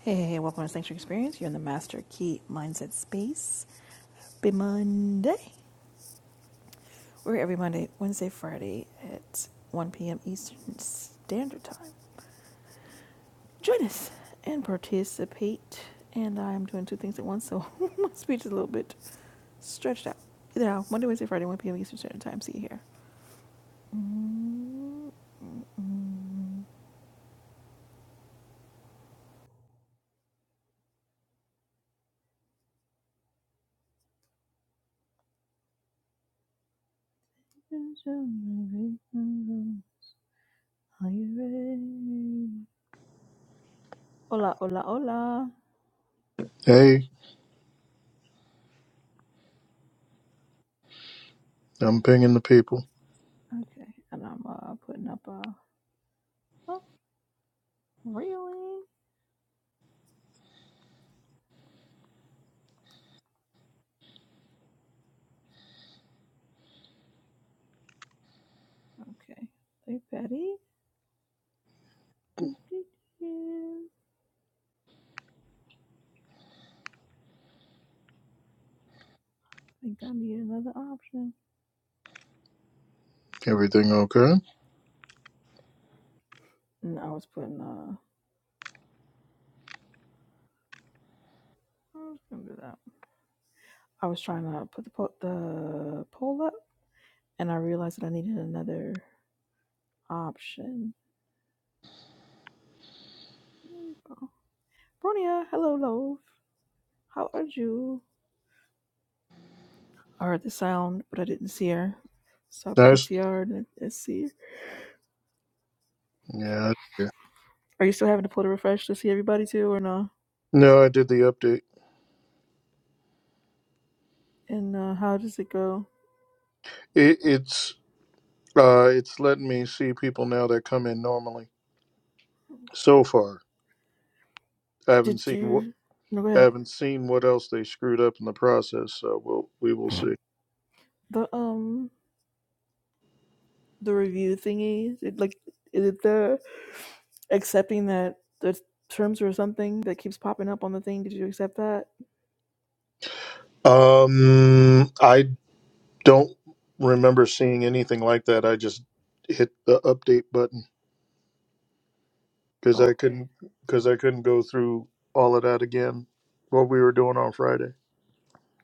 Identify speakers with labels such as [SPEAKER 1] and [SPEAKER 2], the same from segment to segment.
[SPEAKER 1] Hey, hey, hey, welcome to Sanctuary Experience. You're in the Master Key Mindset Space. Be Monday. We're every Monday, Wednesday, Friday at 1 p.m. Eastern Standard Time. Join us and participate. And I'm doing two things at once, so my speech is a little bit stretched out. Now, Monday, Wednesday, Friday, 1 p.m. Eastern Standard Time. See you here. Are you ready? Hola, hola, hola.
[SPEAKER 2] Hey, I'm pinging the people.
[SPEAKER 1] Okay, and I'm uh, putting up a. Oh, Really? Okay. Hey, Patty. Do, do, do. I think I need another option.
[SPEAKER 2] Everything okay?
[SPEAKER 1] And I was putting uh, I was gonna do that. I was trying to put the po- the poll up, and I realized that I needed another option. There we go. Bronia, hello, love. How are you? I heard the sound, but I didn't see her. So I
[SPEAKER 2] Nice.
[SPEAKER 1] PTR and I didn't see. her.
[SPEAKER 2] Yeah. yeah.
[SPEAKER 1] Are you still having to pull the refresh to see everybody too, or no?
[SPEAKER 2] No, I did the update.
[SPEAKER 1] And uh, how does it go?
[SPEAKER 2] It, it's uh, it's letting me see people now that come in normally. So far, I haven't
[SPEAKER 1] Did
[SPEAKER 2] seen what
[SPEAKER 1] you? No, go
[SPEAKER 2] I
[SPEAKER 1] ahead.
[SPEAKER 2] haven't seen what else they screwed up in the process. So we'll we will see.
[SPEAKER 1] the um the review thingy it, like is it the accepting that the terms or something that keeps popping up on the thing did you accept that
[SPEAKER 2] Um, I don't remember seeing anything like that. I just hit the update button because I
[SPEAKER 1] oh okay
[SPEAKER 2] couldn't because I couldn't go through all of that again. What we were doing on Friday.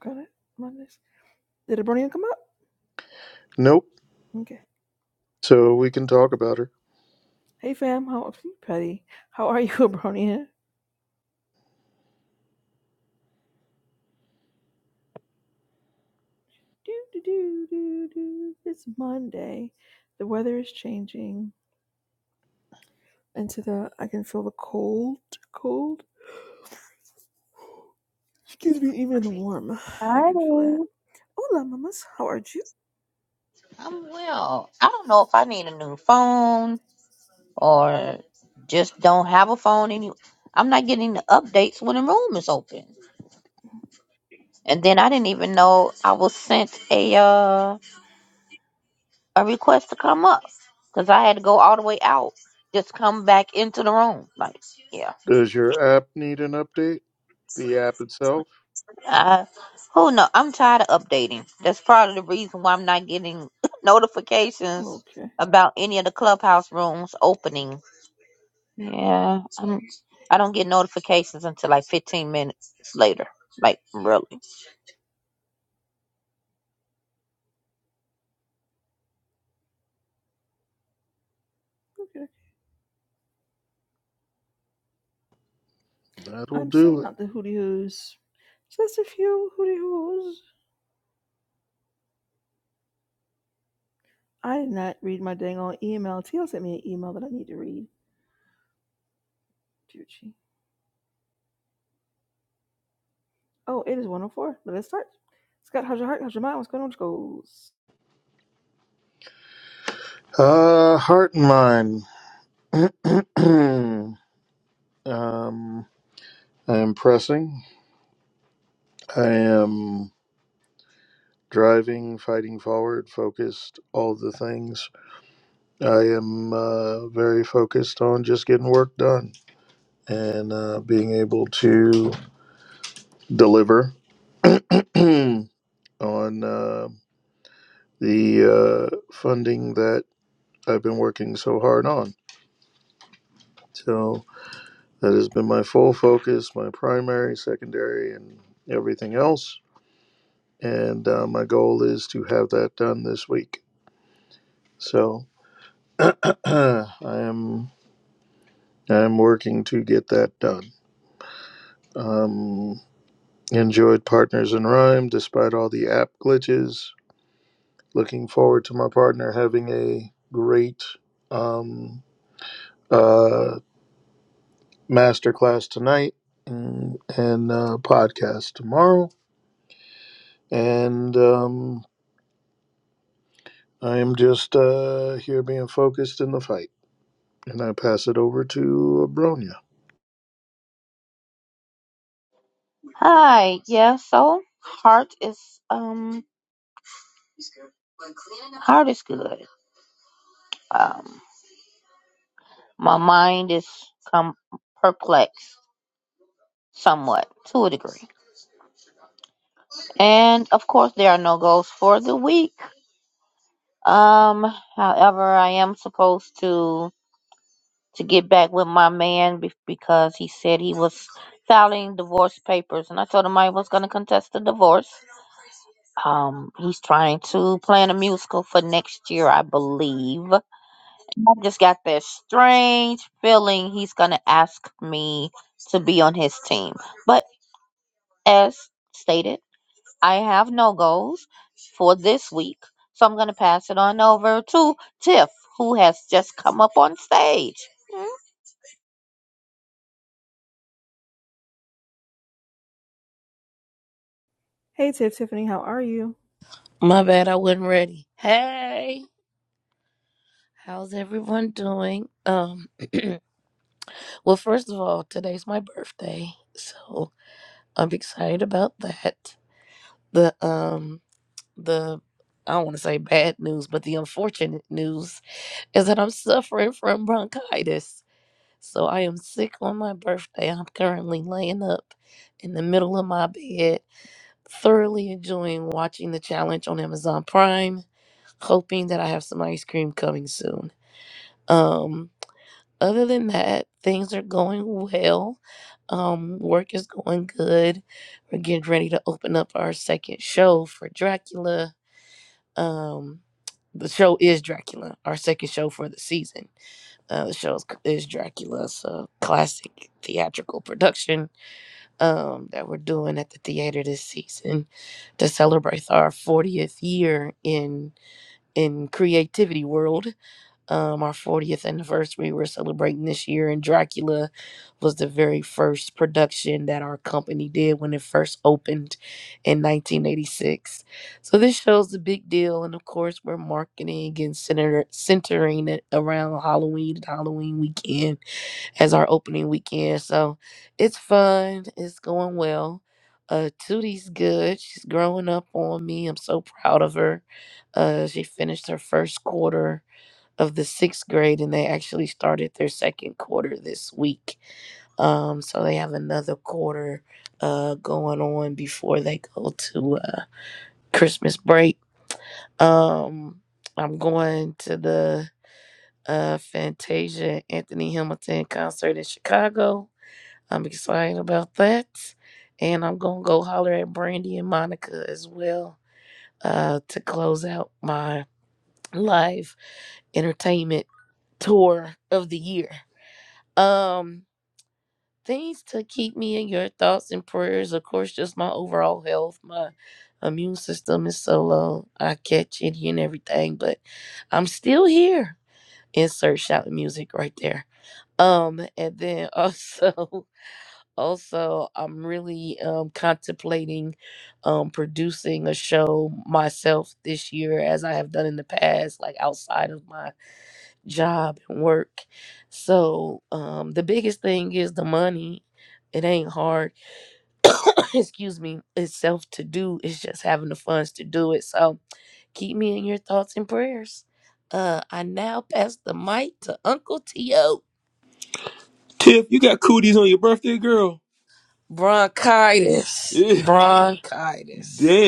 [SPEAKER 1] got it Mondays. did abronia come up
[SPEAKER 2] Nope.
[SPEAKER 1] okay
[SPEAKER 2] So we can talk about her.
[SPEAKER 1] hey fam how are you, petty how are you abronia do do do do do it's monday the weather is changing into the i can feel the cold cold excuse me even in the warm i
[SPEAKER 3] Hi.
[SPEAKER 1] can feel that hola mamas how are you
[SPEAKER 3] I'm well. I don't know if I need a new phone or just don't have a phone any. I'm not getting the updates when the room is open. And then I didn't even know I was sent a uh, a request to come up because I had to go all the way out, just come back into the room. Like, yeah.
[SPEAKER 2] Does your app need an update? The app itself?
[SPEAKER 3] I, who knows? I'm tired of updating. That's probably the reason why I'm not getting notifications
[SPEAKER 1] Okay.
[SPEAKER 3] about any of the clubhouse rooms opening Yeah, I'm, I don't get notifications until like 15 minutes later. Like really.
[SPEAKER 1] okay
[SPEAKER 2] That'll
[SPEAKER 1] I'm
[SPEAKER 2] do
[SPEAKER 1] sending
[SPEAKER 2] it.
[SPEAKER 1] out the hooty hoos. Just a few hooty hoos. I did not read my dang old email. Teal sent me an email that I need to read. Juchi. Oh, it is 104. Let's start. Scott, how's your heart? How's your mind? What's going on, schools?
[SPEAKER 2] Uh, heart and mind. um, I am pressing. I am driving, fighting forward, focused, all the things. I am uh, very focused on just getting work done and uh, being able to deliver on uh, the uh, funding that I've been working so hard on. So that has been my full focus, my primary, secondary, and everything else. And uh, my goal is to have that done this week. So I am I am working to get that done. Um, enjoyed Partners in Rhyme despite all the app glitches. Looking forward to my partner having a great um, uh, masterclass tonight and, and uh, podcast tomorrow. And um, I am just uh, here being focused in the fight, and I pass it over to Bronya.
[SPEAKER 3] Hi. Yeah. So heart is um heart is good. Um, my mind is com- perplexed somewhat to a degree, and of course there are no goals for the week. Um, however, I am supposed to to get back with my man be- because he said he was filing divorce papers, and I told him I was going to contest the divorce Um, he's trying to plan a musical for next year, I believe. I just got that strange feeling he's gonna ask me to be on his team. But as stated, I have no goals for this week, so I'm gonna pass it on over to Tiff, who has just come up on stage.
[SPEAKER 1] Hey, Tiff Tiffany, how are you?
[SPEAKER 4] My bad, I wasn't ready. Hey, how's everyone doing? Um, well, first of all, today's my birthday, so I'm excited about that. The um, the I don't want to say bad news, but the unfortunate news is that I'm suffering from bronchitis. So I am sick on my birthday. I'm currently laying up in the middle of my bed, thoroughly enjoying watching the challenge on Amazon Prime, hoping that I have some ice cream coming soon. Um, other than that, things are going well. Um, work is going good. We're getting ready to open up our second show for Dracula. Um, the show is Dracula, our second show for the season. Uh, the show is, is Dracula. It's a classic theatrical production um, that we're doing at the theater this season to celebrate our 40th year in in creativity world um, our 40th anniversary we're celebrating this year. And Dracula was the very first production that our company did when it first opened in 1986. So this shows the big deal. And of course, we're marketing and center, centering it around Halloween and Halloween weekend as our opening weekend. So it's fun, it's going well. Uh, Tootie's good. She's growing up on me. I'm so proud of her. Uh, she finished her first quarter of the sixth grade, and they actually started their second quarter this week. Um, so they have another quarter uh, going on before they go to uh, Christmas break. Um, I'm going to the uh, Fantasia Anthony Hamilton concert in Chicago. I'm excited about that. And I'm going to go holler at Brandy and Monica as well uh, to close out my live entertainment tour of the year. Um, things to keep me in your thoughts and prayers. Of course, just my overall health. My immune system is so low. I catch it and everything, but I'm still here. Insert shouting music right there. Um, and then also, also, I'm really um contemplating um producing a show myself this year, as I have done in the past, like outside of my job and work. So um, the biggest thing is the money. It ain't hard, excuse me, itself to do. It's just having the funds to do it. So keep me in your thoughts and prayers. Uh, I now pass the mic to Uncle T.O. Bronchitis. Bronchitis.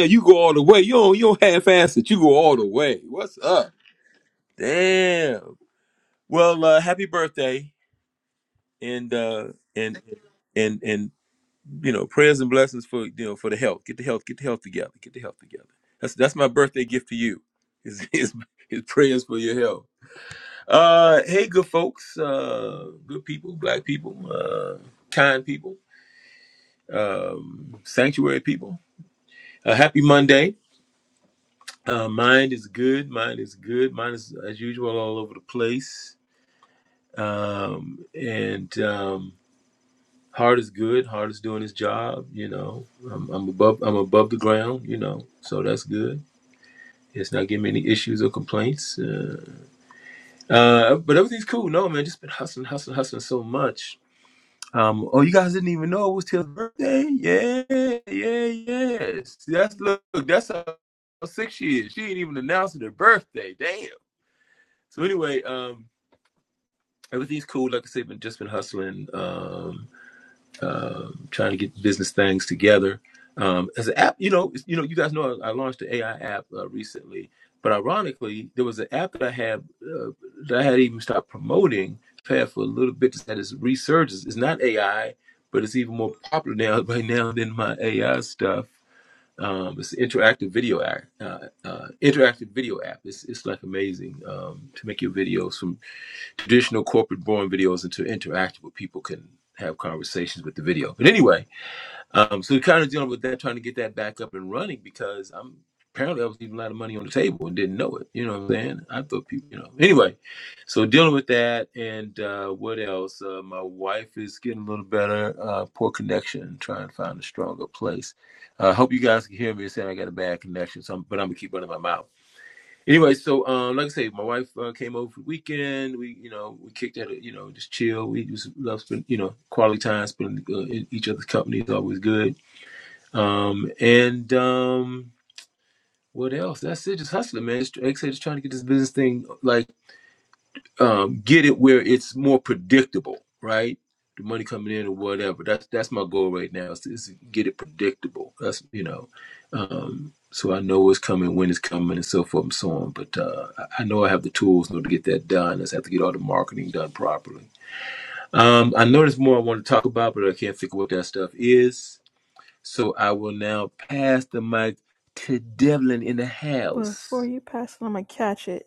[SPEAKER 1] Before you pass it, I'm going to catch it.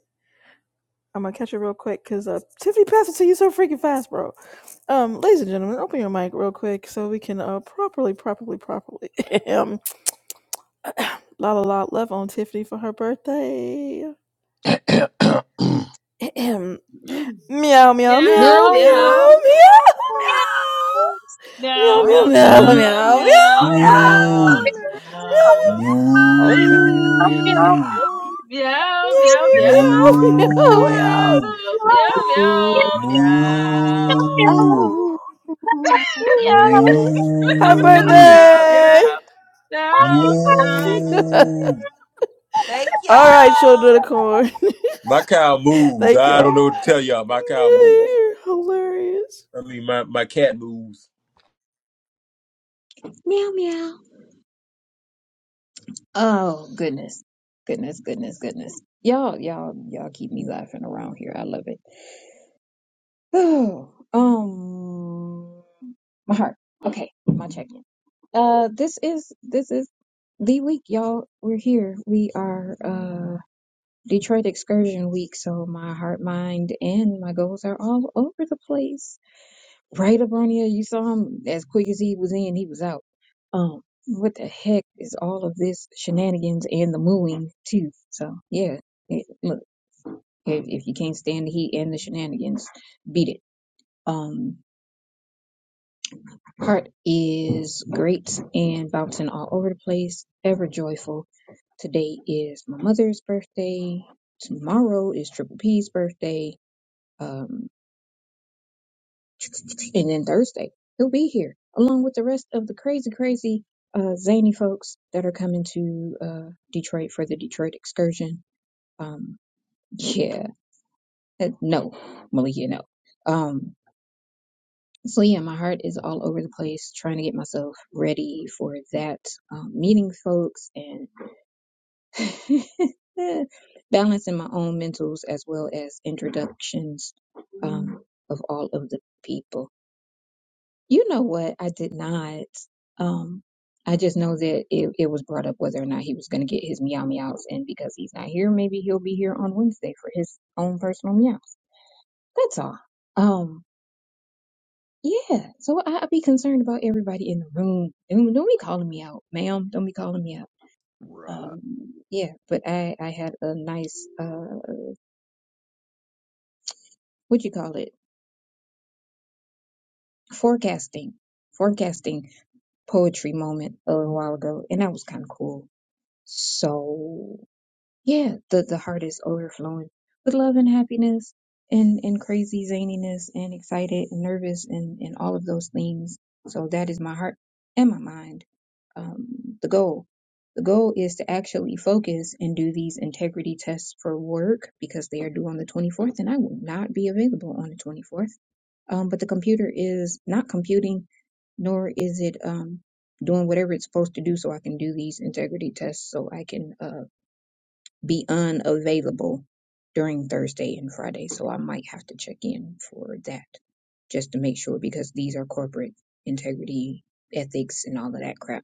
[SPEAKER 1] I'm going to catch it real quick because uh, Tiffany passed it to you so freaking fast, bro. Um, ladies and gentlemen, open your mic real quick so we can uh, properly, properly, properly. um, la la la, love on Tiffany for her birthday. Ahem.
[SPEAKER 5] meow,
[SPEAKER 1] meow, meow, meow, meow,
[SPEAKER 5] meow,
[SPEAKER 1] meow,
[SPEAKER 5] meow,
[SPEAKER 1] meow,
[SPEAKER 5] meow, meow,
[SPEAKER 1] meow, meow, meow, meow,
[SPEAKER 5] meow, meow, meow,
[SPEAKER 1] meow,
[SPEAKER 6] Moo,
[SPEAKER 5] meow,
[SPEAKER 1] meow,
[SPEAKER 5] meow,
[SPEAKER 6] moo, moo, moo,
[SPEAKER 5] meow,
[SPEAKER 1] meow,
[SPEAKER 5] meow, meow, meow, meow, meow.
[SPEAKER 1] meow, meow, meow.
[SPEAKER 6] moo,
[SPEAKER 2] Right.
[SPEAKER 5] meow
[SPEAKER 6] moo. moo.
[SPEAKER 1] Woo. Happy birthday!
[SPEAKER 5] meow meow meow
[SPEAKER 1] All right,
[SPEAKER 4] No.
[SPEAKER 1] children of corn.
[SPEAKER 6] My cow moves.
[SPEAKER 1] Thank
[SPEAKER 6] I don't
[SPEAKER 1] y'all.
[SPEAKER 6] know what to tell y'all. My cow moves.
[SPEAKER 1] You're hilarious.
[SPEAKER 6] I mean, my, my cat moves.
[SPEAKER 7] Meow meow. Oh goodness. Goodness, goodness, goodness. Y'all, y'all, y'all keep me laughing around here. I love it. Oh, um my heart. Okay, my check in. Uh this is this is the week, y'all. We're here. We are uh Detroit excursion week, so my heart, mind, and my goals are all over the place. Right, Abronia, you saw him as quick as he was in, he was out. Um, what the heck is all of this shenanigans and the mooing too? So yeah, it, look, if, if you can't stand the heat and the shenanigans, beat it. Um, heart is great and bouncing all over the place, ever joyful. Today is my mother's birthday. Tomorrow is Triple P's birthday. Um, And then Thursday, he'll be here along with the rest of the crazy, crazy, uh, zany folks that are coming to uh, Detroit for the Detroit excursion. Um, yeah, Uh, no, Malia, no. Um, so yeah, my heart is all over the place trying to get myself ready for that um, meeting folks and balancing my own mentals as well as introductions um, of all of the people. You know what? I did not. Um, I just know that it, it was brought up whether or not he was going to get his meow meows, and because he's not here, maybe he'll be here on Wednesday for his own personal meows. That's all. Um, yeah. So I, I'd be concerned about everybody in the room. Don't, don't be calling me out, ma'am. Don't be calling me out. Um, yeah. But I I had a nice uh, what you call it? Forecasting, forecasting poetry moment a little while ago, and that was kind of cool. So. yeah, the, the heart is overflowing with love and happiness and, and crazy zaniness and excited and nervous and, and all of those things. So that is my heart and my mind. Um, the goal. The goal is to actually focus and do these integrity tests for work because they are due on the 24th and I will not be available on the 24th. Um, but the computer is not computing nor is it, um, doing whatever it's supposed to do so I can do these integrity tests so I can, uh, be unavailable during Thursday and Friday. So I might have to check in for that just to make sure because these are corporate integrity, ethics, and all of that crap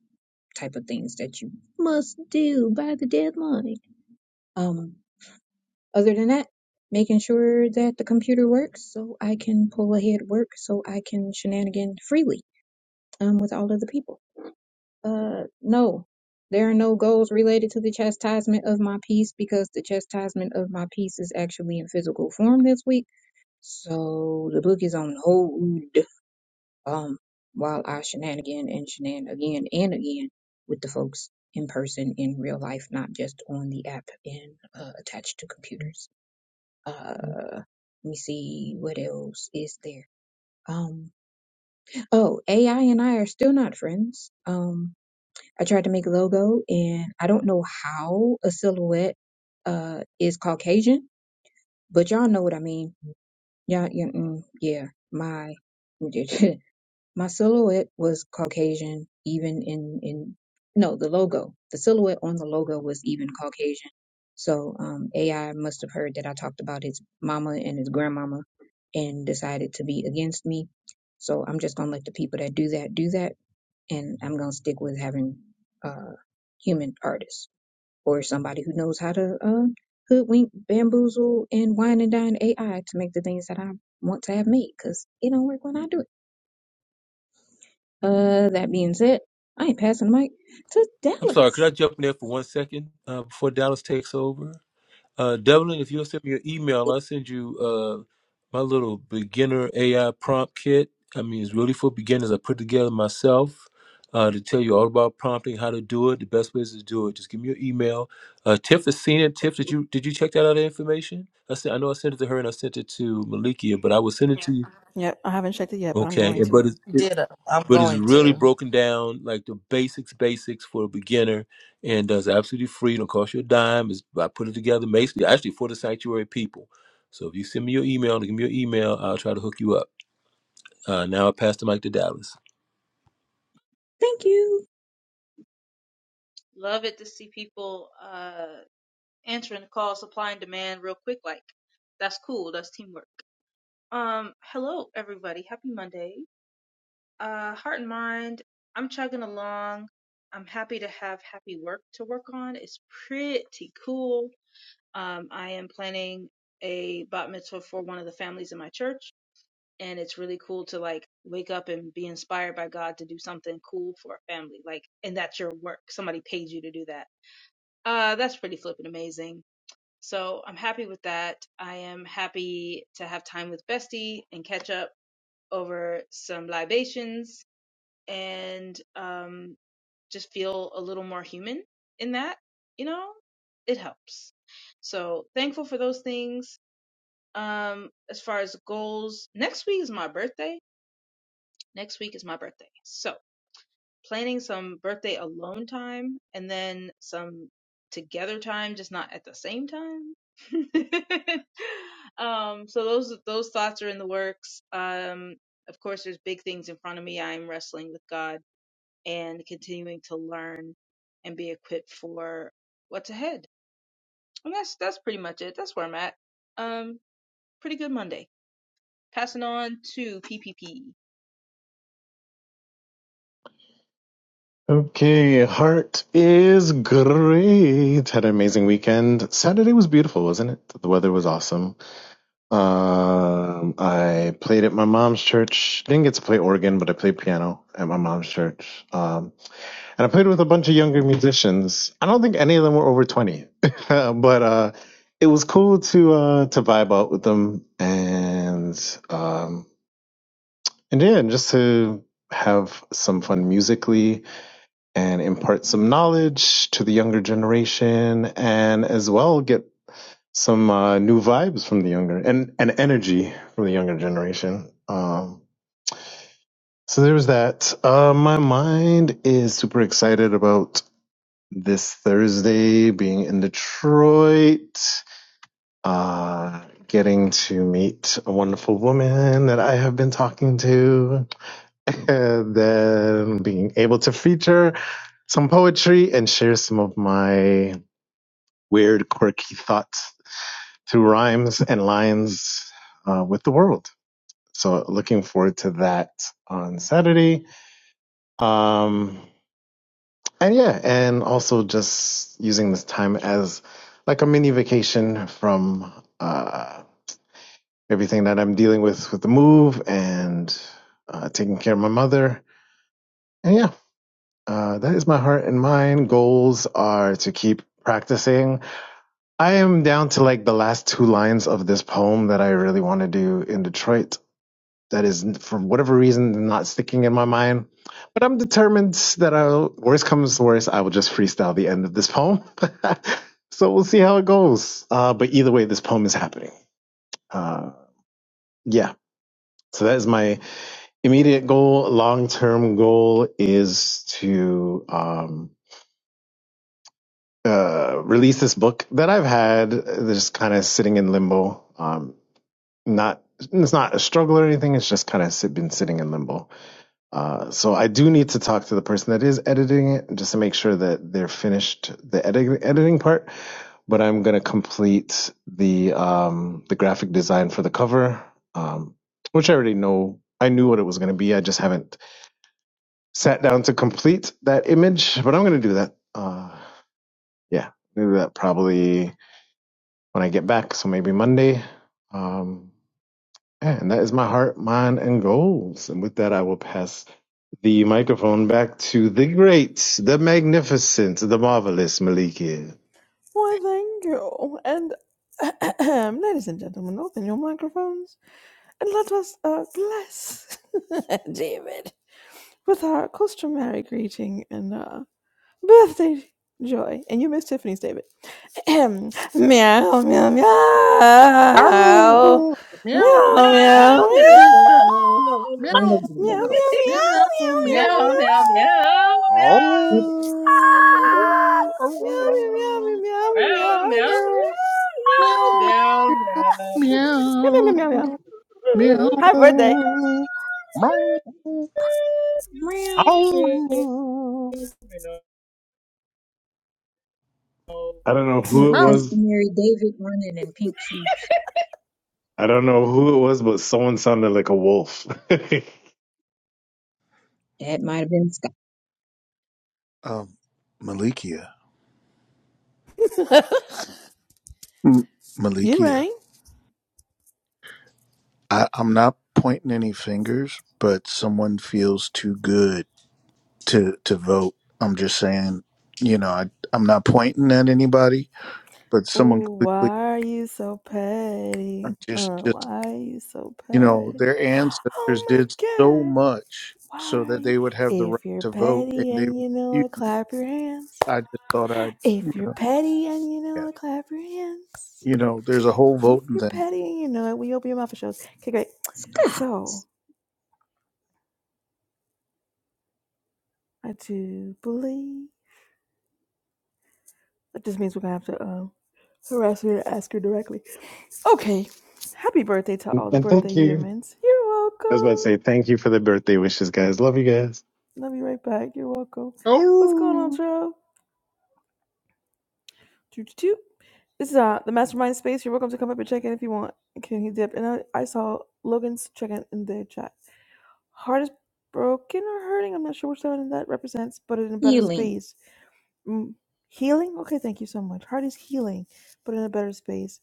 [SPEAKER 7] type of things that you must do by the deadline. Um, other than that, making sure that the computer works so I can pull ahead work so I can shenanigan freely um, with all of the people. Uh, no, there are no goals related to the chastisement of my peace because the chastisement of my peace is actually in physical form this week. So the book is on hold um, while I shenanigan and shenan again and again with the folks in person in real life, not just on the app and uh, attached to computers. Uh, let me see what else is there. Um, oh, AI and I are still not friends. Um, I tried to make a logo and I don't know how a silhouette uh is Caucasian, but y'all know what I mean. Y'all, yeah, mm, yeah my my silhouette was Caucasian even in in no, the logo. The silhouette on the logo was even Caucasian. So um AI must have heard that I talked about his mama and his grandmama and decided to be against me. So I'm just gonna let the people that do that do that and I'm gonna stick with having uh human artists or somebody who knows how to uh, hoodwink, bamboozle, and wine and dine AI to make the things that I want to have made because it don't work when I do it. Uh, that being said, I ain't passing the mic to Dallas.
[SPEAKER 6] I said, I know I sent it to her and I sent it to Malikia, but I will send it to you.
[SPEAKER 1] Yep, I haven't checked it yet, but I'm
[SPEAKER 6] Okay,
[SPEAKER 1] going
[SPEAKER 6] and
[SPEAKER 1] to.
[SPEAKER 6] but it.
[SPEAKER 4] Ditto. I'm going to.
[SPEAKER 7] Thank you,
[SPEAKER 5] Love it to see people uh answering the call, supply and demand real quick. Like that's cool. That's teamwork. Um, hello everybody. Happy Monday. Uh, heart and mind, I'm chugging along. I'm happy to have happy work to work on. It's pretty cool. Um, I am planning a bat mitzvah for one of the families in my church, and it's really cool to like wake up and be inspired by God to do something cool for a family. Like, and that's your work. Somebody paid you to do that. Uh, that's pretty flippin' amazing. So I'm happy with that. I am happy to have time with Bestie and catch up over some libations and um, just feel a little more human in that, you know, it helps. So thankful for those things. Um, as far as goals, next week is my birthday. Next week is my birthday. So planning some birthday alone time and then some together time, just not at the same time. um, so those those thoughts are in the works. Um, of course, there's big things in front of me. I am wrestling with God and continuing to learn and be equipped for what's ahead. And that's that's pretty much it. That's where I'm at. Um, pretty good Monday. Passing on to PPP.
[SPEAKER 8] Okay, heart is great. Had an amazing weekend. Saturday was beautiful, wasn't it? The weather was awesome. Um, I played at my mom's church. Didn't get to play organ, but I played piano at my mom's church. Um, and I played with a bunch of younger musicians. I don't think any of them were over 20, but, uh, it was cool to, uh, to vibe out with them and, um, and yeah, and just to have some fun musically and impart some knowledge to the younger generation and as well get some uh, new vibes from the younger and, and energy from the younger generation. Um, so there was that. Uh, my mind is super excited about this Thursday being in Detroit, uh, getting to meet a wonderful woman that I have been talking to and then being able to feature some poetry and share some of my weird, quirky thoughts through rhymes and lines uh, with the world. So looking forward to that on Saturday. Um, and yeah, and also just using this time as like a mini vacation from uh, everything that I'm dealing with with the move and uh, taking care of my mother. And yeah, Uh, that is my heart and mind. Goals are to keep practicing. I am down to like the last two lines of this poem that I really want to do in Detroit. That is, for whatever reason, not sticking in my mind. But I'm determined that I'll, worst comes worst, I will just freestyle the end of this poem. so we'll see how it goes. Uh, but either way, this poem is happening. Uh, yeah. So that is my immediate goal. Long term goal is to, um, uh, release this book that I've had uh, that's kind of sitting in limbo. Um, not it's not a struggle or anything. It's just kind of been sitting in limbo. Uh, so I do need to talk to the person that is editing it just to make sure that they're finished the edit- editing part. But I'm gonna complete the um, the graphic design for the cover, um, which I already know. I knew what it was gonna be. I just haven't sat down to complete that image, but I'm gonna do that. Uh, yeah, do that probably when I get back. So maybe Monday. Um, yeah, and that is my heart, mind, and goals. And with that, I will pass the microphone back to the great, the magnificent, the marvelous Maliki.
[SPEAKER 1] Why, thank you. And ladies and gentlemen, open your microphones and let us uh, bless David with our customary greeting and uh, birthday joy. And you miss Tiffany's, David. meow, meow, meow, meow,
[SPEAKER 2] Ow,
[SPEAKER 1] meow,
[SPEAKER 2] Meow,
[SPEAKER 5] Meow,
[SPEAKER 1] meow, meow.
[SPEAKER 5] meow,
[SPEAKER 2] meow,
[SPEAKER 5] meow, meow,
[SPEAKER 7] all
[SPEAKER 2] meow,
[SPEAKER 7] of
[SPEAKER 1] Meow, meow,
[SPEAKER 2] meow,
[SPEAKER 7] y'all.
[SPEAKER 2] meow, meow,
[SPEAKER 1] meow, meow, meow,
[SPEAKER 2] meow.
[SPEAKER 5] meow, meow, meow, meow, meow,
[SPEAKER 2] Oh,
[SPEAKER 1] meow.
[SPEAKER 7] Look
[SPEAKER 1] Meow, meow, meow,
[SPEAKER 2] oh,
[SPEAKER 1] meow, meow, meow.
[SPEAKER 2] oh, meow,
[SPEAKER 5] meow,
[SPEAKER 1] Meow, meow,
[SPEAKER 2] meow,
[SPEAKER 1] meow, meow, meow.
[SPEAKER 2] meow, meow,
[SPEAKER 1] Happy birthday.
[SPEAKER 2] meow, meow.
[SPEAKER 7] around.
[SPEAKER 2] Oh,
[SPEAKER 5] meow, meow. meow.
[SPEAKER 8] I don't know who
[SPEAKER 7] Look,
[SPEAKER 8] it
[SPEAKER 2] Mo.
[SPEAKER 8] was.
[SPEAKER 7] customary David running in pink shoes.
[SPEAKER 8] I don't know who it was, but someone sounded like a wolf. and
[SPEAKER 7] That might have been Scott.
[SPEAKER 2] Um, Malikia. M-
[SPEAKER 1] You
[SPEAKER 2] Malikia.
[SPEAKER 1] rang.
[SPEAKER 2] I, I'm not pointing any fingers, but someone feels too good to to vote. I'm just saying, you know, I, I'm not pointing at anybody, but someone
[SPEAKER 1] Oh, why
[SPEAKER 2] quickly.
[SPEAKER 1] are you so petty?
[SPEAKER 2] I'm just
[SPEAKER 1] Uh,
[SPEAKER 2] just
[SPEAKER 1] why are you so
[SPEAKER 2] you know
[SPEAKER 1] petty?
[SPEAKER 2] their ancestors
[SPEAKER 1] Oh my
[SPEAKER 2] did so
[SPEAKER 1] god.
[SPEAKER 2] much so
[SPEAKER 1] Why are
[SPEAKER 2] that
[SPEAKER 1] you?
[SPEAKER 2] they would have the right
[SPEAKER 1] If you're
[SPEAKER 2] to vote, and
[SPEAKER 1] petty
[SPEAKER 2] they.
[SPEAKER 1] and you know
[SPEAKER 2] refused.
[SPEAKER 1] it, clap your hands.
[SPEAKER 2] I just thought I'd you
[SPEAKER 1] If you're
[SPEAKER 2] know
[SPEAKER 1] petty and you
[SPEAKER 2] yeah
[SPEAKER 1] know it, clap your hands.
[SPEAKER 2] you know there's a whole
[SPEAKER 1] If
[SPEAKER 2] voting
[SPEAKER 1] you're
[SPEAKER 2] thing.
[SPEAKER 1] petty and you know it, we open your mouth for shows. Okay, great.
[SPEAKER 7] Scott,
[SPEAKER 1] So, I do believe. That just means we're gonna have to um harass her and ask her directly. Okay. Happy birthday to all the birthday
[SPEAKER 8] thank you.
[SPEAKER 1] humans. You're
[SPEAKER 8] As I was about to
[SPEAKER 1] welcome.
[SPEAKER 8] say, thank you for the birthday wishes, guys. Love you guys.
[SPEAKER 1] Love you right back. You're welcome. What's going on,
[SPEAKER 2] Oh,
[SPEAKER 1] Joe? Toot toot toot. This is uh the mastermind space. You're welcome to come up and check in if you want. Can you dip? And I, I saw Logan's check in in the chat. Heart is broken or hurting. I'm not sure which one that represents, but in a better
[SPEAKER 7] healing.
[SPEAKER 1] space. Mm, healing. Okay, thank you so much. Heart is healing, but in a better space.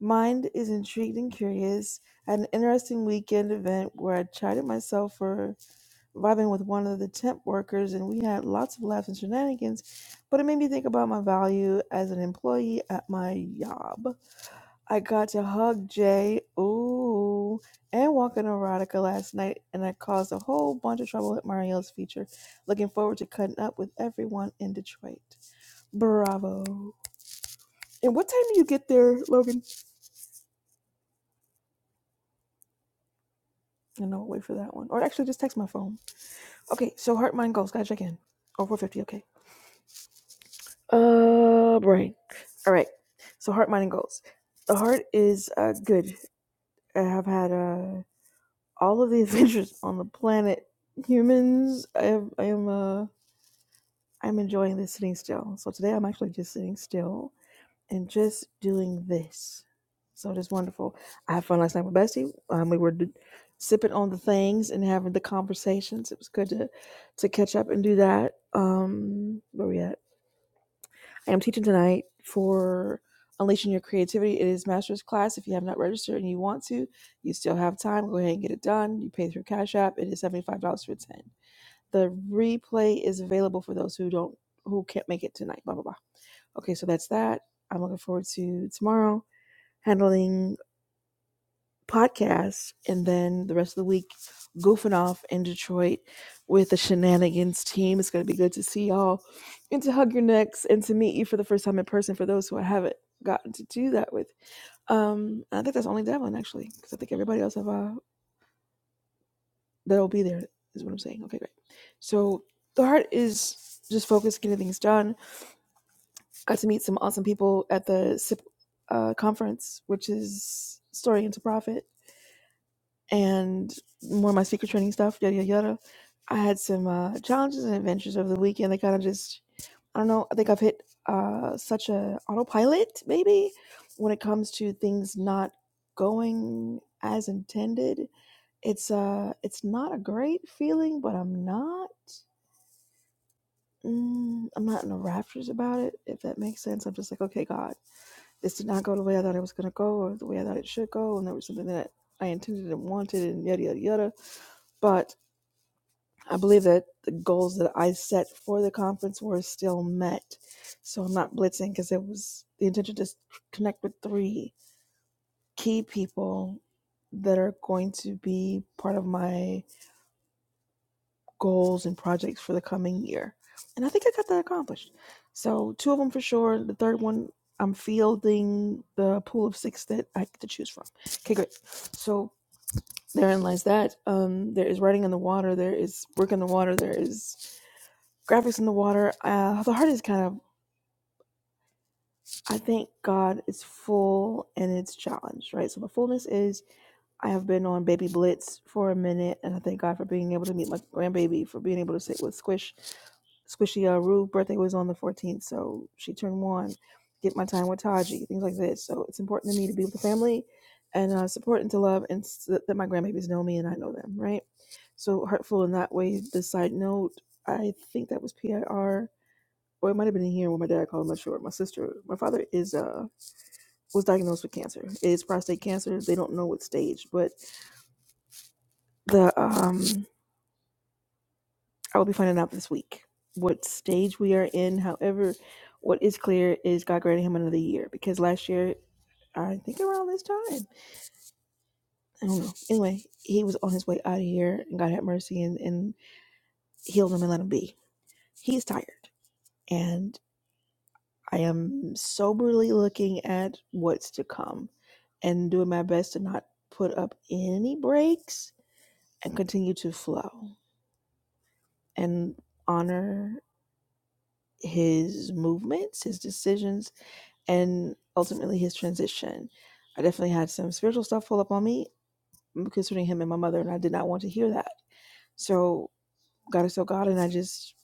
[SPEAKER 1] Mind is intrigued and curious. I had an interesting weekend event where I chided myself for vibing with one of the temp workers, and we had lots of laughs and shenanigans, but it made me think about my value as an employee at my job. I got to hug Jay, ooh, and walk in erotica last night, and I caused a whole bunch of trouble at Mario's feature. Looking forward to cutting up with everyone in Detroit. Bravo. And what time do you get there, Logan? And no, I'll wait for that one. Or actually, just text my phone. Okay, so heart, mind, goals. Gotta check in. Oh, 450. Okay. Uh, brain. All right. So heart, mind, and goals. The heart is uh, good. I have had uh, all of the adventures on the planet. Humans, I, have, I am. Uh, I'm enjoying this sitting still. So today I'm actually just sitting still and just doing this. So just wonderful. I had fun last night with Bessie. Um, we were d- sipping on the things and having the conversations. It was good to to catch up and do that. Um, where we at? I am teaching tonight for unleashing your creativity. It is master's class. If you have not registered and you want to, you still have time. Go ahead and get it done. You pay through Cash App. It is seventy five dollars for ten. The replay is available for those who don't who can't make it tonight. Blah blah blah. Okay, so that's that. I'm looking forward to tomorrow handling podcasts, and then the rest of the week goofing off in Detroit with the Shenanigans team. It's going to be good to see y'all and to hug your necks and to meet you for the first time in person for those who I haven't gotten to do that with. Um, I think that's only Devlin actually, because I think everybody else have uh, that'll be there is what I'm saying. Okay, great. So the heart is just focused getting things done. Got to meet some awesome people at the SIP uh, conference, which is Story into Profit and more of my secret training stuff, yada yada yada. I had some uh, challenges and adventures over the weekend. They kind of just, I don't know. I think I've hit uh, such a autopilot, maybe, when it comes to things not going as intended. It's uh, it's not a great feeling, but I'm not. Mm, I'm not in the raptures about it, if that makes sense. I'm just like, okay, God, this did not go the way I thought it was gonna go, or the way I thought it should go, and there was something that I intended and wanted, and yada yada yada. But I believe that the goals that I set for the conference were still met. So I'm not blitzing because it was the intention to connect with three key people that are going to be part of my goals and projects for the coming year. And I think I got that accomplished. So two of them for sure. The third one, I'm fielding the pool of six that I get to choose from. Okay, great. So therein lies that. Um, there is writing in the water. There is work in the water. There is graphics in the water. Uh, the heart is kind of, I think God is full and it's challenged, right? So the fullness is I have been on baby blitz for a minute, and I thank God for being able to meet my grandbaby, for being able to sit with Squish. Squishy uh, Rue birthday was on the 14th, so she turned one. Get my time with Taji, things like this. So it's important to me to be with the family and uh, support and to love, and s- that my grandbabies know me and I know them, right? So heartful in that way. The side note, I think that was PIR or it might have been in here when my dad called. I'm not sure. My sister, my father is uh was diagnosed with cancer. It's prostate cancer. They don't know what stage, but the um I will be finding out this week what stage we are in. However, what is clear is God granted him another year because last year I think around this time I don't know. Anyway, he was on his way out of here, and God had mercy and and healed him and let him be. He's tired, and I am soberly looking at what's to come and doing my best to not put up any breaks and continue to flow and honor his movements, his decisions, and ultimately his transition. I definitely had some spiritual stuff pull up on me concerning him and my mother, and I did not want to hear that. So God is so God, and I just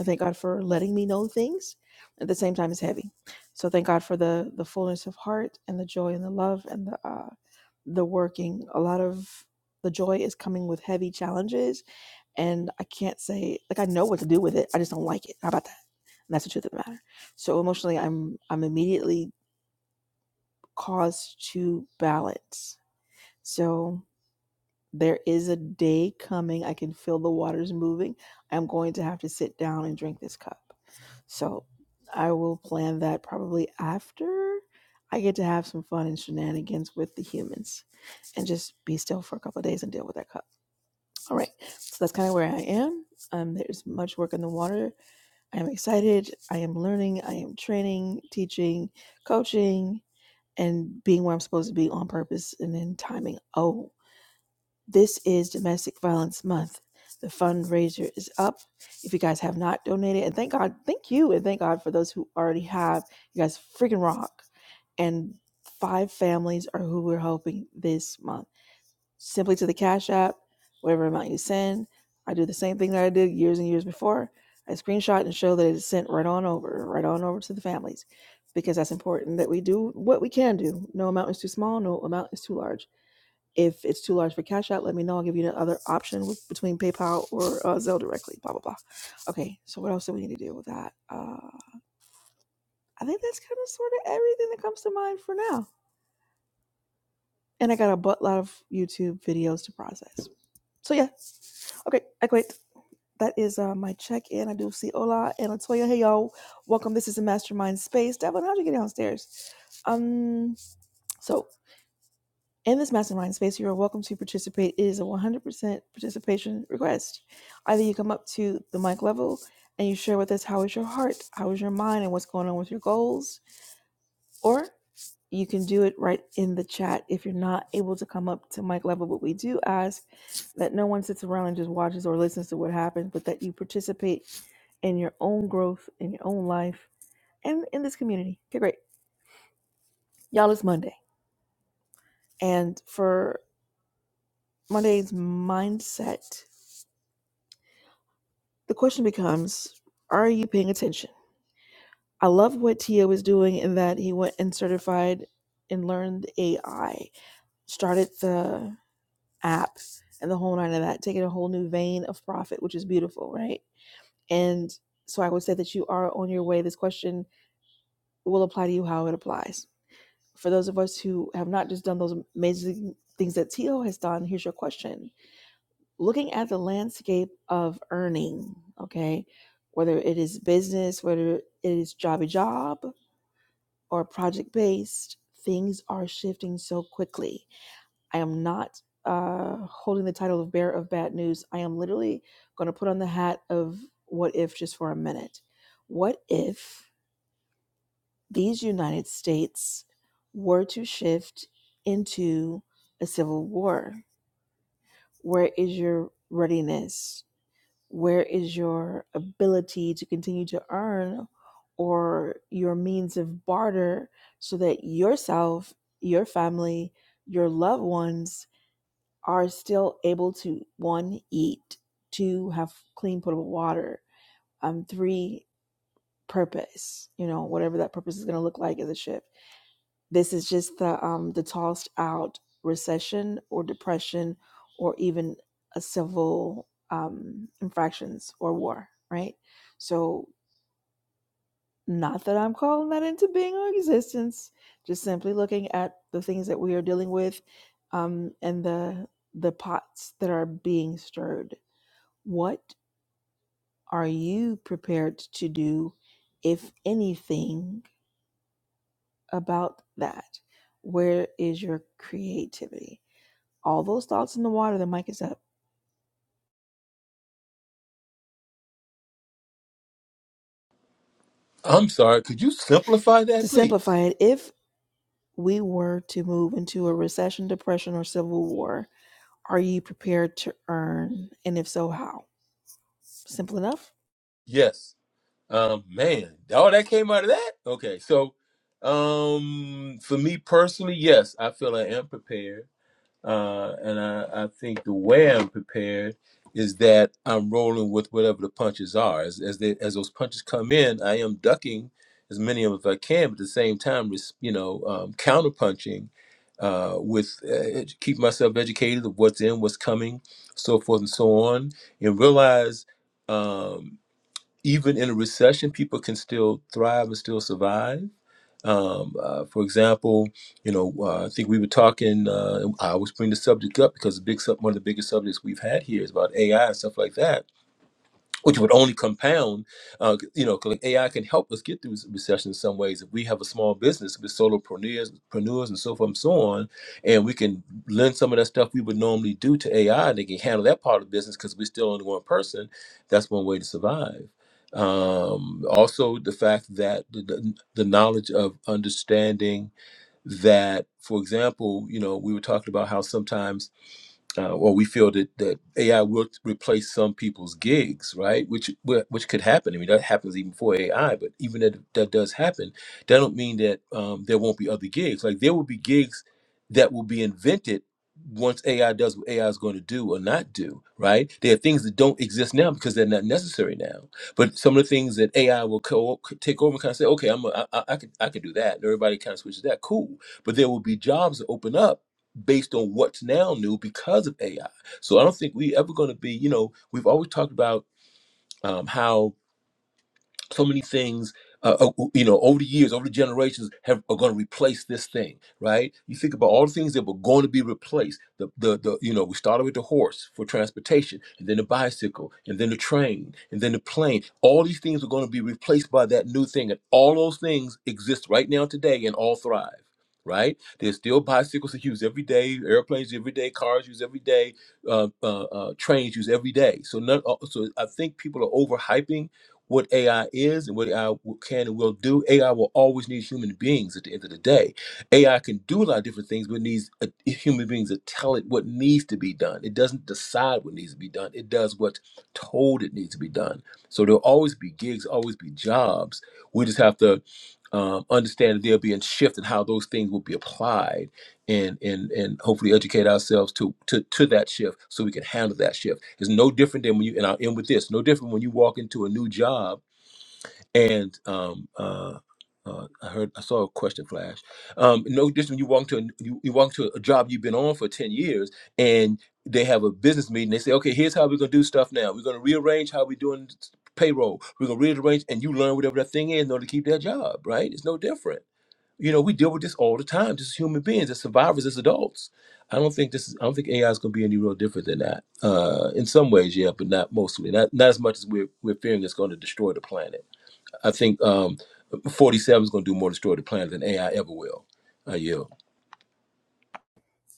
[SPEAKER 1] I thank God for letting me know things. At the same time, it's heavy, so thank God for the the fullness of heart and the joy and the love and the uh, the working. A lot of the joy is coming with heavy challenges, and I can't say like I know what to do with it. I just don't like it. How about that? And that's the truth of the matter. So emotionally, I'm I'm immediately caused to balance. So there is a day coming. I can feel the waters moving. I'm going to have to sit down and drink this cup. So I will plan that probably after I get to have some fun and shenanigans with the humans and just be still for a couple of days and deal with that cup. All right. So that's kind of where I am. Um, there's much work in the water. I am excited. I am learning. I am training, teaching, coaching, and being where I'm supposed to be on purpose and in timing. Oh, this is Domestic Violence Month. The fundraiser is up. If you guys have not donated, and thank God, thank you, and thank God for those who already have. You guys freaking rock. And five families are who we're helping this month. Simply to the Cash App, whatever amount you send. I do the same thing that I did years and years before. I screenshot and show that it is sent right on over, right on over to the families, because that's important that we do what we can do. No amount is too small, no amount is too large if it's too large for Cash App, let me know. I'll give you the other option with, between PayPal or uh, Zelle directly. Blah blah blah. Okay, so what else do we need to do with that? Uh, I think that's kind of sort of everything that comes to mind for now. And I got a buttload of YouTube videos to process. So yeah, okay, I quit. That is uh, my check in. I do see Ola and Latoya. Hey y'all, welcome. This is a mastermind space. Devin, how'd you get downstairs? Um, so In this mastermind space, you are welcome to participate. It is a 100% participation request. Either you come up to the mic level and you share with us how is your heart, how is your mind, and what's going on with your goals, or you can do it right in the chat if you're not able to come up to mic level. But we do ask that no one sits around and just watches or listens to what happens, but that you participate in your own growth, in your own life, and in this community. Okay, great. Y'all, it's Monday. And for Monday's mindset, The question becomes Are you paying attention? I love what Tio is doing in that he went and certified and learned AI, started the app and the whole nine of that, taking a whole new vein of profit, which is beautiful, right? And so I would say that you are on your way. This question will apply to you how it applies. For those of us who have not just done those amazing things that Tio has done, here's your question looking at the landscape of earning, okay, whether it is business, whether it is jobby job or project based, things are shifting so quickly. I am not uh, holding the title of bearer of bad news. I am literally going to put on the hat of what if just for a minute. What if these United States were to shift into a civil war? Where is your readiness? Where is your ability to continue to earn or your means of barter so that yourself, your family, your loved ones are still able to one, eat, two, have clean, potable water, um, three, purpose, you know, whatever that purpose is going to look like as a shift this is just the um, the tossed out recession or depression or even a civil um, infractions or war, right? So not that I'm calling that into being or existence, just simply looking at the things that we are dealing with um, and the the pots that are being stirred. What are you prepared to do, if anything, about that? Where is your creativity? all those thoughts in the water, the mic is up. To simplify it, if we were to move into a recession, depression, or civil war, are you prepared to earn? And if so, how? Simple enough.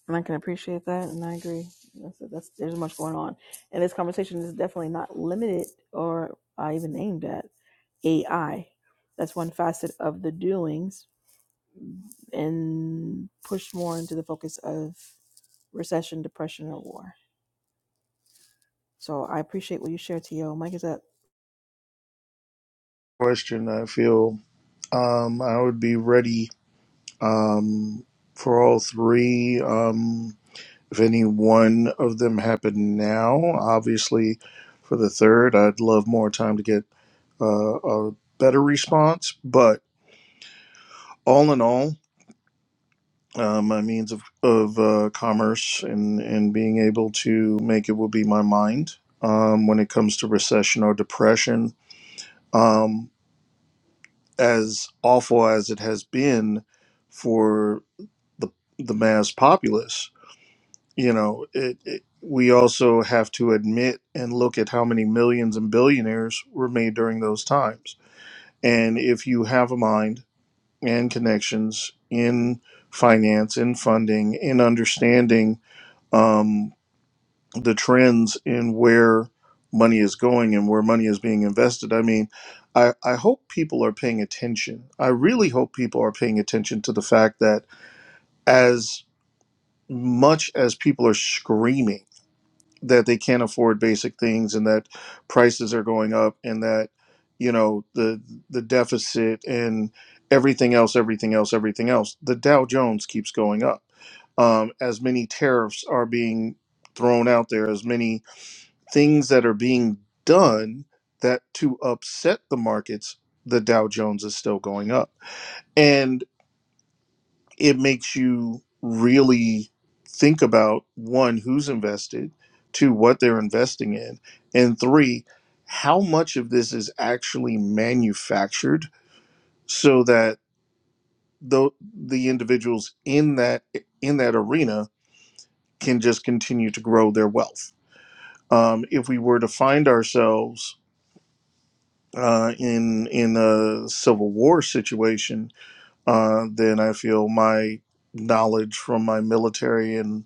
[SPEAKER 1] And I can appreciate that, and I agree. That's, that's there's much going on, and this conversation is definitely not limited or I even aimed at AI. That's one facet of the doings, and pushed more into the focus of recession, depression, or war. So I appreciate what you shared, T.O. Mike is up.
[SPEAKER 2] question. I feel Um, I would be ready um, for all three. Um, if any one of them happened now, obviously for the third, I'd love more time to get uh, a better response. But all in all, uh, my means of, of uh, commerce and, and being able to make it will be my mind um, when it comes to recession or depression. Um, as awful as it has been for the the mass populace. You know, it, it, we also have to admit and look at how many millions and billionaires were made during those times. And if you have a mind and connections in finance, in funding, in understanding um, the trends in where money is going and where money is being invested, I mean, I, I hope people are paying attention. I really hope people are paying attention to the fact that as much as people are screaming that they can't afford basic things and that prices are going up and that you know the the deficit and everything else everything else everything else the dow jones keeps going up um, as many tariffs are being thrown out there as many things that are being done that to upset the markets the dow jones is still going up and it makes you really think about one who's invested two what they're investing in and three how much of this is actually manufactured so that the the individuals in that in that arena can just continue to grow their wealth um, if we were to find ourselves uh, in in a civil war situation uh, then i feel my knowledge from my military and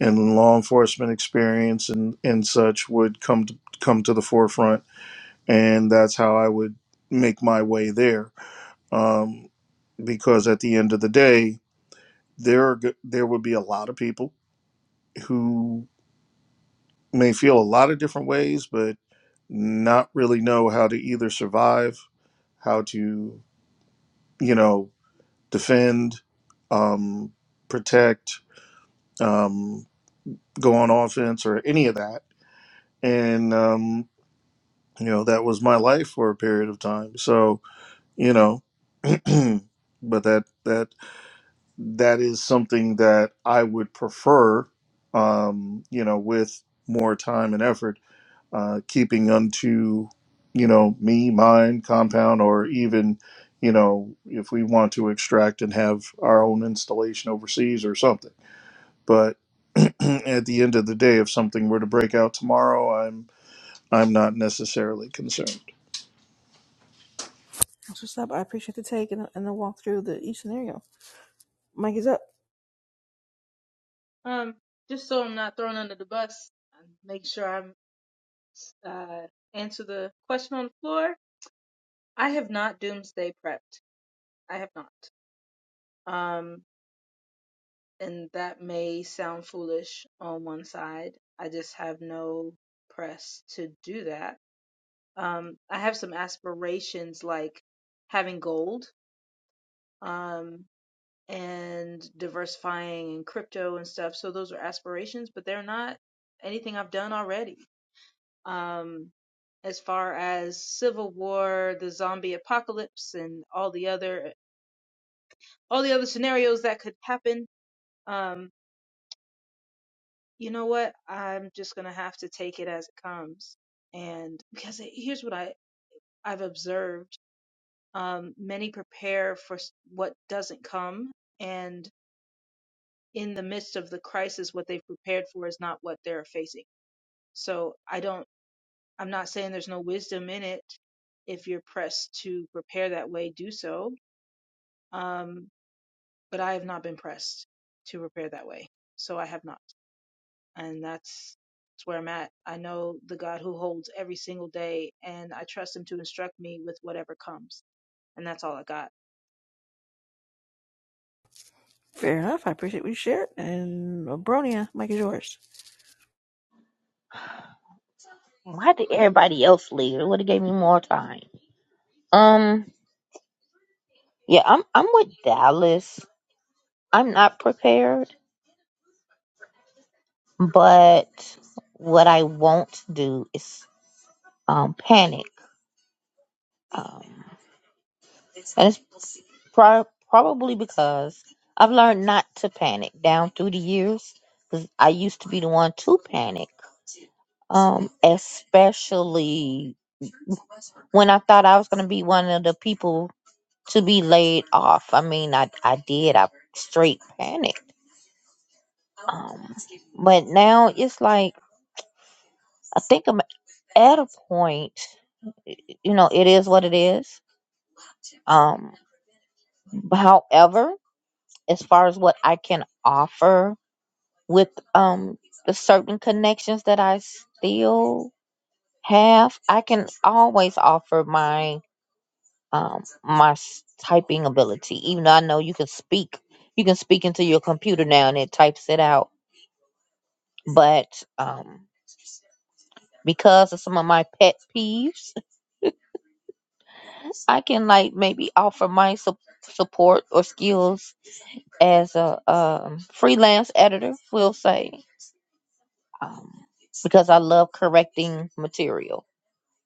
[SPEAKER 2] and law enforcement experience and, and such would come to, come to the forefront, and that's how I would make my way there. Um, because at the end of the day, there are, go- there would be a lot of people who may feel a lot of different ways, but not really know how to either survive, how to you know defend, um, protect, um, go on offense, or any of that, and um, you know that was my life for a period of time so you know but that that that is something that i would prefer um you know with more time and effort uh keeping unto you know me mine compound or even you know if we want to extract and have our own installation overseas or something but at the end of the day if something were to break out tomorrow i'm i'm not necessarily concerned
[SPEAKER 1] That's what's up. I appreciate the take and the, and the walk through the each scenario. Mike is up.
[SPEAKER 5] Um, just so I'm not thrown under the bus, make sure I'm uh answer the question on the floor. I have not doomsday prepped. I have not. Um, and that may sound foolish on one side. I just have no press to do that. Um, I have some aspirations like having gold, um, and diversifying in crypto and stuff. So those are aspirations, but they're not anything I've done already. um, as far as civil war, the zombie apocalypse, and all the other all the other scenarios that could happen. Um, you know what? I'm just gonna have to take it as it comes, and because it- here's what I I've observed: um, many prepare for what doesn't come, and in the midst of the crisis, what they've prepared for is not what they're facing. So I don't. I'm not saying there's no wisdom in it. If you're pressed to prepare that way, do so Um, but I have not been pressed to repair that way. So I have not. And that's, that's where I'm at. I know the God who holds every single day and I trust him to instruct me with whatever comes. And that's all I got.
[SPEAKER 1] Fair enough. I appreciate what you shared. And uh, Bronia, Mike is yours.
[SPEAKER 3] Why did everybody else leave? It would have gave me more time. Um, yeah, I'm I'm with Dallas. I'm not prepared, but what I won't do is um panic. Um, and it's pro- probably because I've learned not to panic down through the years. 'cause I used to be the one to panic. Um, especially when I thought I was going to be one of the people to be laid off. I mean, I, I did. I straight panicked. Um, but now it's like, I think I'm at a point, you know, it is what it is. Um, but however, as far as what I can offer with um, the certain connections that I still have, I can always offer my um, my s- typing ability, even though I know you can speak. You can speak into your computer now and it types it out but um because of some of my pet peeves i can like maybe offer my sup- support or skills as a um, freelance editor we'll say um, because i love correcting material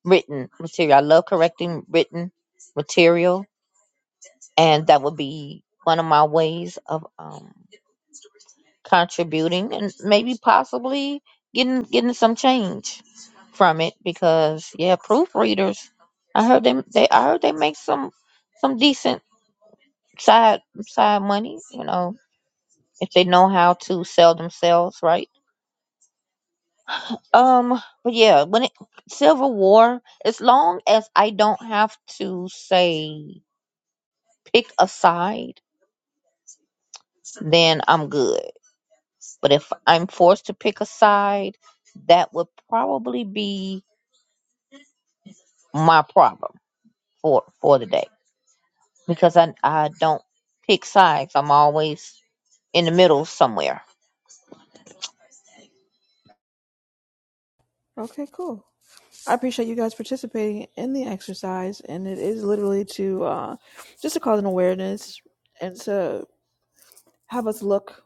[SPEAKER 3] written material i love correcting written material and that would be one of my ways of um, contributing and maybe possibly getting getting some change from it because yeah, proofreaders. I heard them. They I heard they make some some decent side side money. You know, if they know how to sell themselves, right? Um, but yeah, when it Civil War, as long as I don't have to say pick a side, then I'm good. But if I'm forced to pick a side, that would probably be my problem for for the day because I I don't pick sides. I'm always in the middle somewhere.
[SPEAKER 1] Okay, cool. I appreciate you guys participating in the exercise. And it is literally to uh, just to cause an awareness and to have us look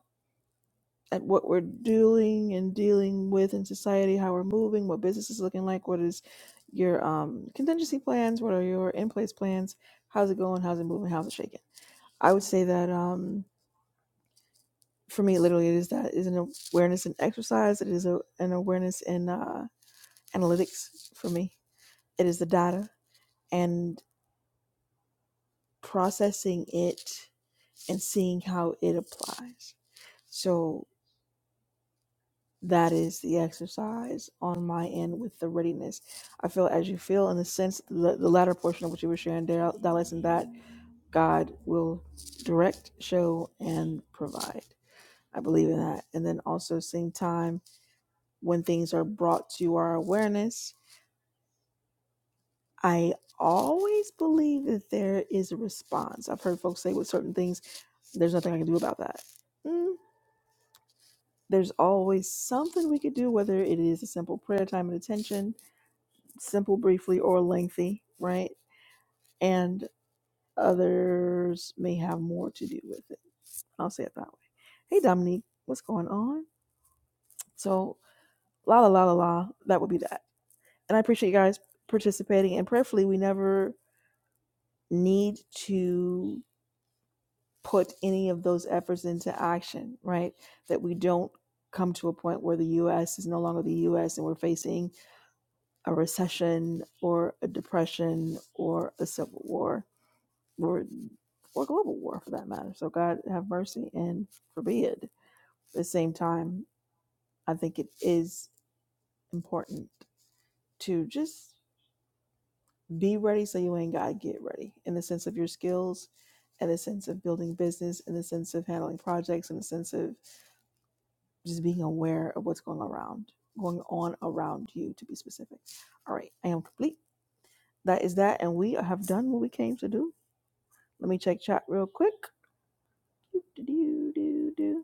[SPEAKER 1] at what we're doing and dealing with in society, how we're moving, what business is looking like, what is your um, contingency plans, what are your in place plans, how's it going, how's it moving, how's it shaking I would say that um, for me, literally, it is that is an awareness in exercise. It is a, an awareness in uh, analytics for me. It is the data and processing it and seeing how it applies. So that is the exercise on my end with the readiness. I feel as you feel in the sense the, the latter portion of what you were sharing, Dal- Dallas, and that God will direct, show, and provide. I believe in that. And then also same time when things are brought to our awareness, I always believe that there is a response. I've heard folks say with certain things, there's nothing I can do about that. Mm, There's always something we could do, whether it is a simple prayer time and attention, simple, briefly, or lengthy, right? And others may have more to do with it. I'll say it that way. Hey, Dominique, what's going on? So, la la la la la, that would be that. And I appreciate you guys participating. And prayerfully, we never need to put any of those efforts into action, right? That we don't come to a point where the US is no longer the US and we're facing a recession or a depression or a civil war or or global war for that matter. So God have mercy and forbid. At the same time, I think it is important to just be ready so you ain't got to get ready in the sense of your skills in the sense of building business in the sense of handling projects in the sense of just being aware of what's going around going on around you to be specific all right i am complete that is that and we have done what we came to do let me check chat real quick Do-do-do-do-do.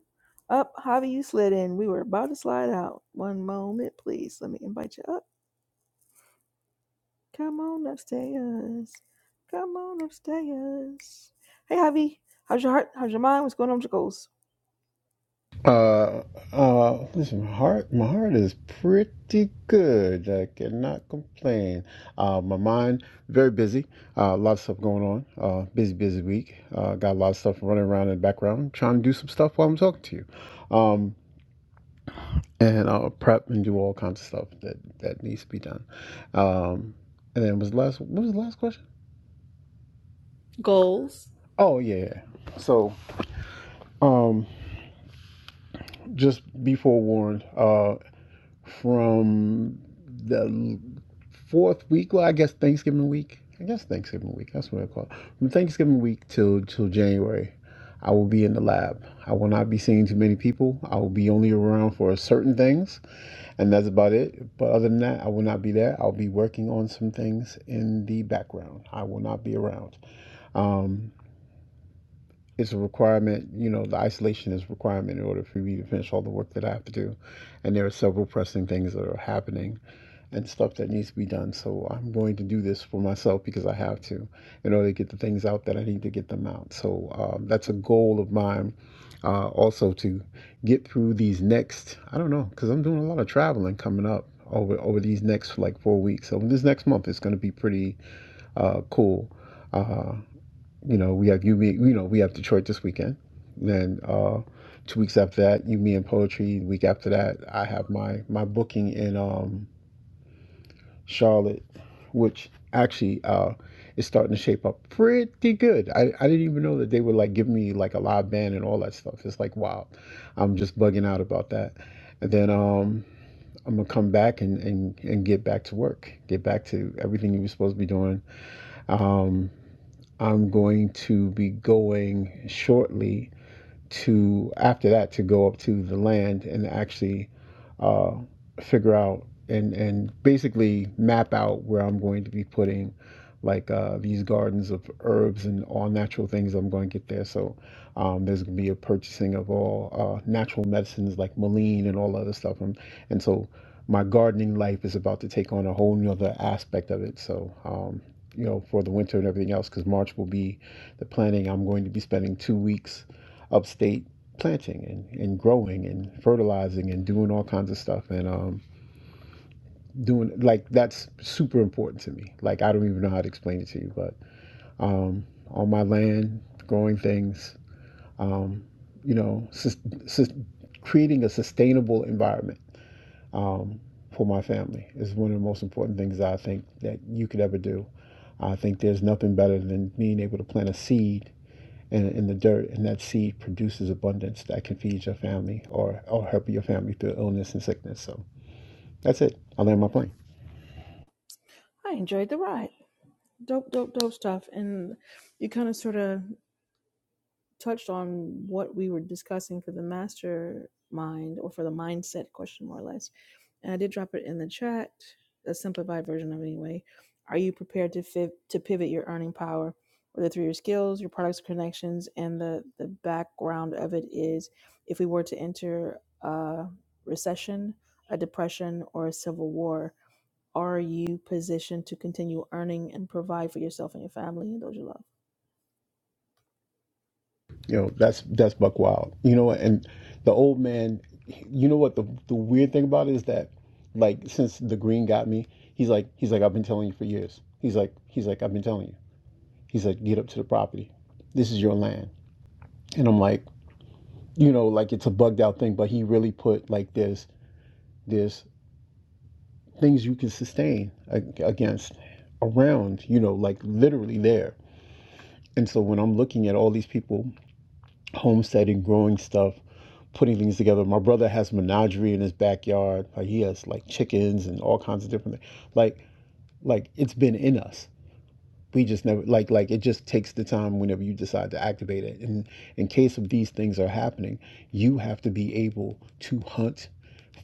[SPEAKER 1] up javi you slid in we were about to slide out one moment please let me invite you up Come on upstairs. Come on upstairs. Hey, Javi. How's your heart? How's your mind? What's going on with your goals?
[SPEAKER 9] Uh, uh, listen, my heart, my heart is pretty good. I cannot complain. Uh, my mind very busy. Uh, a lot of stuff going on. Uh, busy, busy week. Uh, got a lot of stuff running around in the background, trying to do some stuff while I'm talking to you. Um, and I'll prep and do all kinds of stuff that that needs to be done. Um, and then was the last, what was the last question?
[SPEAKER 1] Goals.
[SPEAKER 9] Oh yeah. yeah. So, um, just be forewarned. Uh. from the fourth week. Well, I guess Thanksgiving week. I guess Thanksgiving week. That's what I call it. From Thanksgiving week till till January, I will be in the lab. I will not be seeing too many people. I will be only around for certain things, and that's about it. But other than that, I will not be there. I'll be working on some things in the background. I will not be around. Um, it's a requirement. You know, the isolation is a requirement in order for me to finish all the work that I have to do, and there are several pressing things that are happening and stuff that needs to be done. So I'm going to do this for myself because I have to in order to get the things out that I need to get them out. So um, that's a goal of mine uh, also to get through these next, I don't know, because I'm doing a lot of traveling coming up over, over these next like four weeks. So this next month is going to be pretty uh, cool. Uh, you know, we have you, me, you know, we have Detroit this weekend. Then uh, two weeks after that, you, me, and poetry. The week after that, I have my my booking in um, Charlotte, which actually uh, is starting to shape up pretty good. I, I didn't even know that they would like give me like a live band and all that stuff. It's like wow, I'm just bugging out about that. And then um, I'm gonna come back and, and and get back to work, get back to everything you were supposed to be doing. Um, I'm going to be going shortly to after that to go up to the land and actually uh, figure out and and basically map out where I'm going to be putting like uh, these gardens of herbs and all natural things I'm going to get there. So um, there's going to be a purchasing of all uh, natural medicines like Maline and all other stuff. And, and so my gardening life is about to take on a whole nother aspect of it. So, um, you know, for the winter and everything else, because March will be the planning. I'm going to be spending two weeks upstate planting and, and growing and fertilizing and doing all kinds of stuff and um doing like that's super important to me like i don't even know how to explain it to you but um on my land growing things um you know sus- sus- creating a sustainable environment um for my family is one of the most important things i think that you could ever do i think there's nothing better than being able to plant a seed in, in the dirt, and that seed produces abundance that can feed your family or or help your family through illness and sickness. So that's it. I land my plane.
[SPEAKER 1] I enjoyed the ride. Dope, dope, dope stuff. And you kind of sort of. touched on what we were discussing for the mastermind or for the mindset question, more or less. And I did drop it in the chat, a simplified version of it anyway. Are you prepared to fi- to pivot your earning power, whether through your skills, your products, connections, and the the background of it is, if we were to enter a recession, a depression, or a civil war, are you positioned to continue earning and provide for yourself and your family and those you love?
[SPEAKER 9] You know, that's that's Buck Wild. You know, and the old man. You know what the the weird thing about it is that, like, since the green got me, he's like he's like I've been telling you for years. He's like he's like I've been telling you. He's like get up to the property. This is your land, and I'm like you know like it's a bugged out thing, but he really put like this this things you can sustain against around, you know, like literally there. And so when I'm looking at all these people homesteading, growing stuff, putting things together, my brother has menagerie in his backyard. Like he has like chickens and all kinds of different things. Like like it's been in us we just never like like it just takes the time whenever you decide to activate it and in case of these things are happening you have to be able to hunt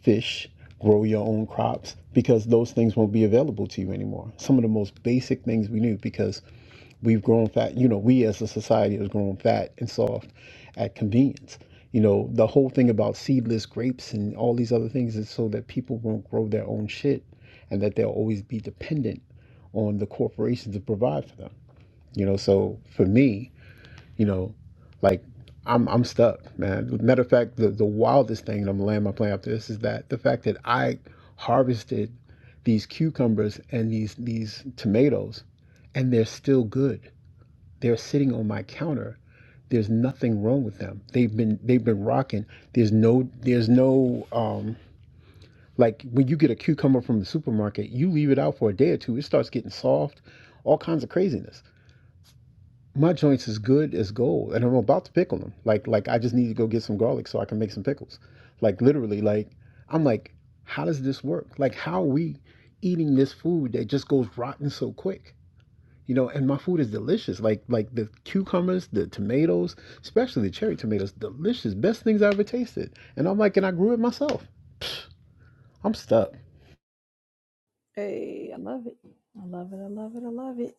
[SPEAKER 9] fish grow your own crops because those things won't be available to you anymore some of the most basic things we knew because We've grown fat. You know, we as a society has grown fat and soft at convenience. You know, the whole thing about seedless grapes and all these other things is so that people won't grow their own shit and that they'll always be dependent on the corporations to provide for them. You know, so for me, you know, like I'm I'm stuck, man. Matter of fact, the, the wildest thing, and I'm gonna land my plane after this, is that the fact that I harvested these cucumbers and these these tomatoes and they're still good they're sitting on my counter. There's nothing wrong with them. They've been they've been rocking. There's no there's no um like when you get a cucumber from the supermarket, you leave it out for a day or two, it starts getting soft, all kinds of craziness. My joints is good as gold, and I'm about to pickle them. Like like I just need to go get some garlic so I can make some pickles. Like literally, like I'm like, how does this work? Like how are we eating this food that just goes rotten so quick? you know, and my food is delicious. Like like the cucumbers, the tomatoes, especially the cherry tomatoes, delicious, best things I ever tasted. And I'm like, and I grew it myself. I'm stuck.
[SPEAKER 1] Hey, I love it. I love it. I love it. I love it.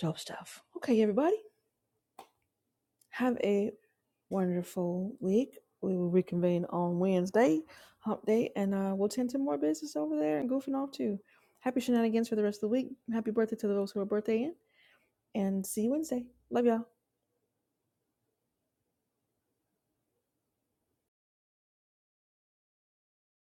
[SPEAKER 1] Dope stuff. Okay, everybody. Have a wonderful week. We will reconvene on Wednesday, hump day, and uh, we'll tend to more business over there and goofing off too. Happy shenanigans for the rest of the week. Happy birthday to those who are birthday in. and see you Wednesday. Love y'all.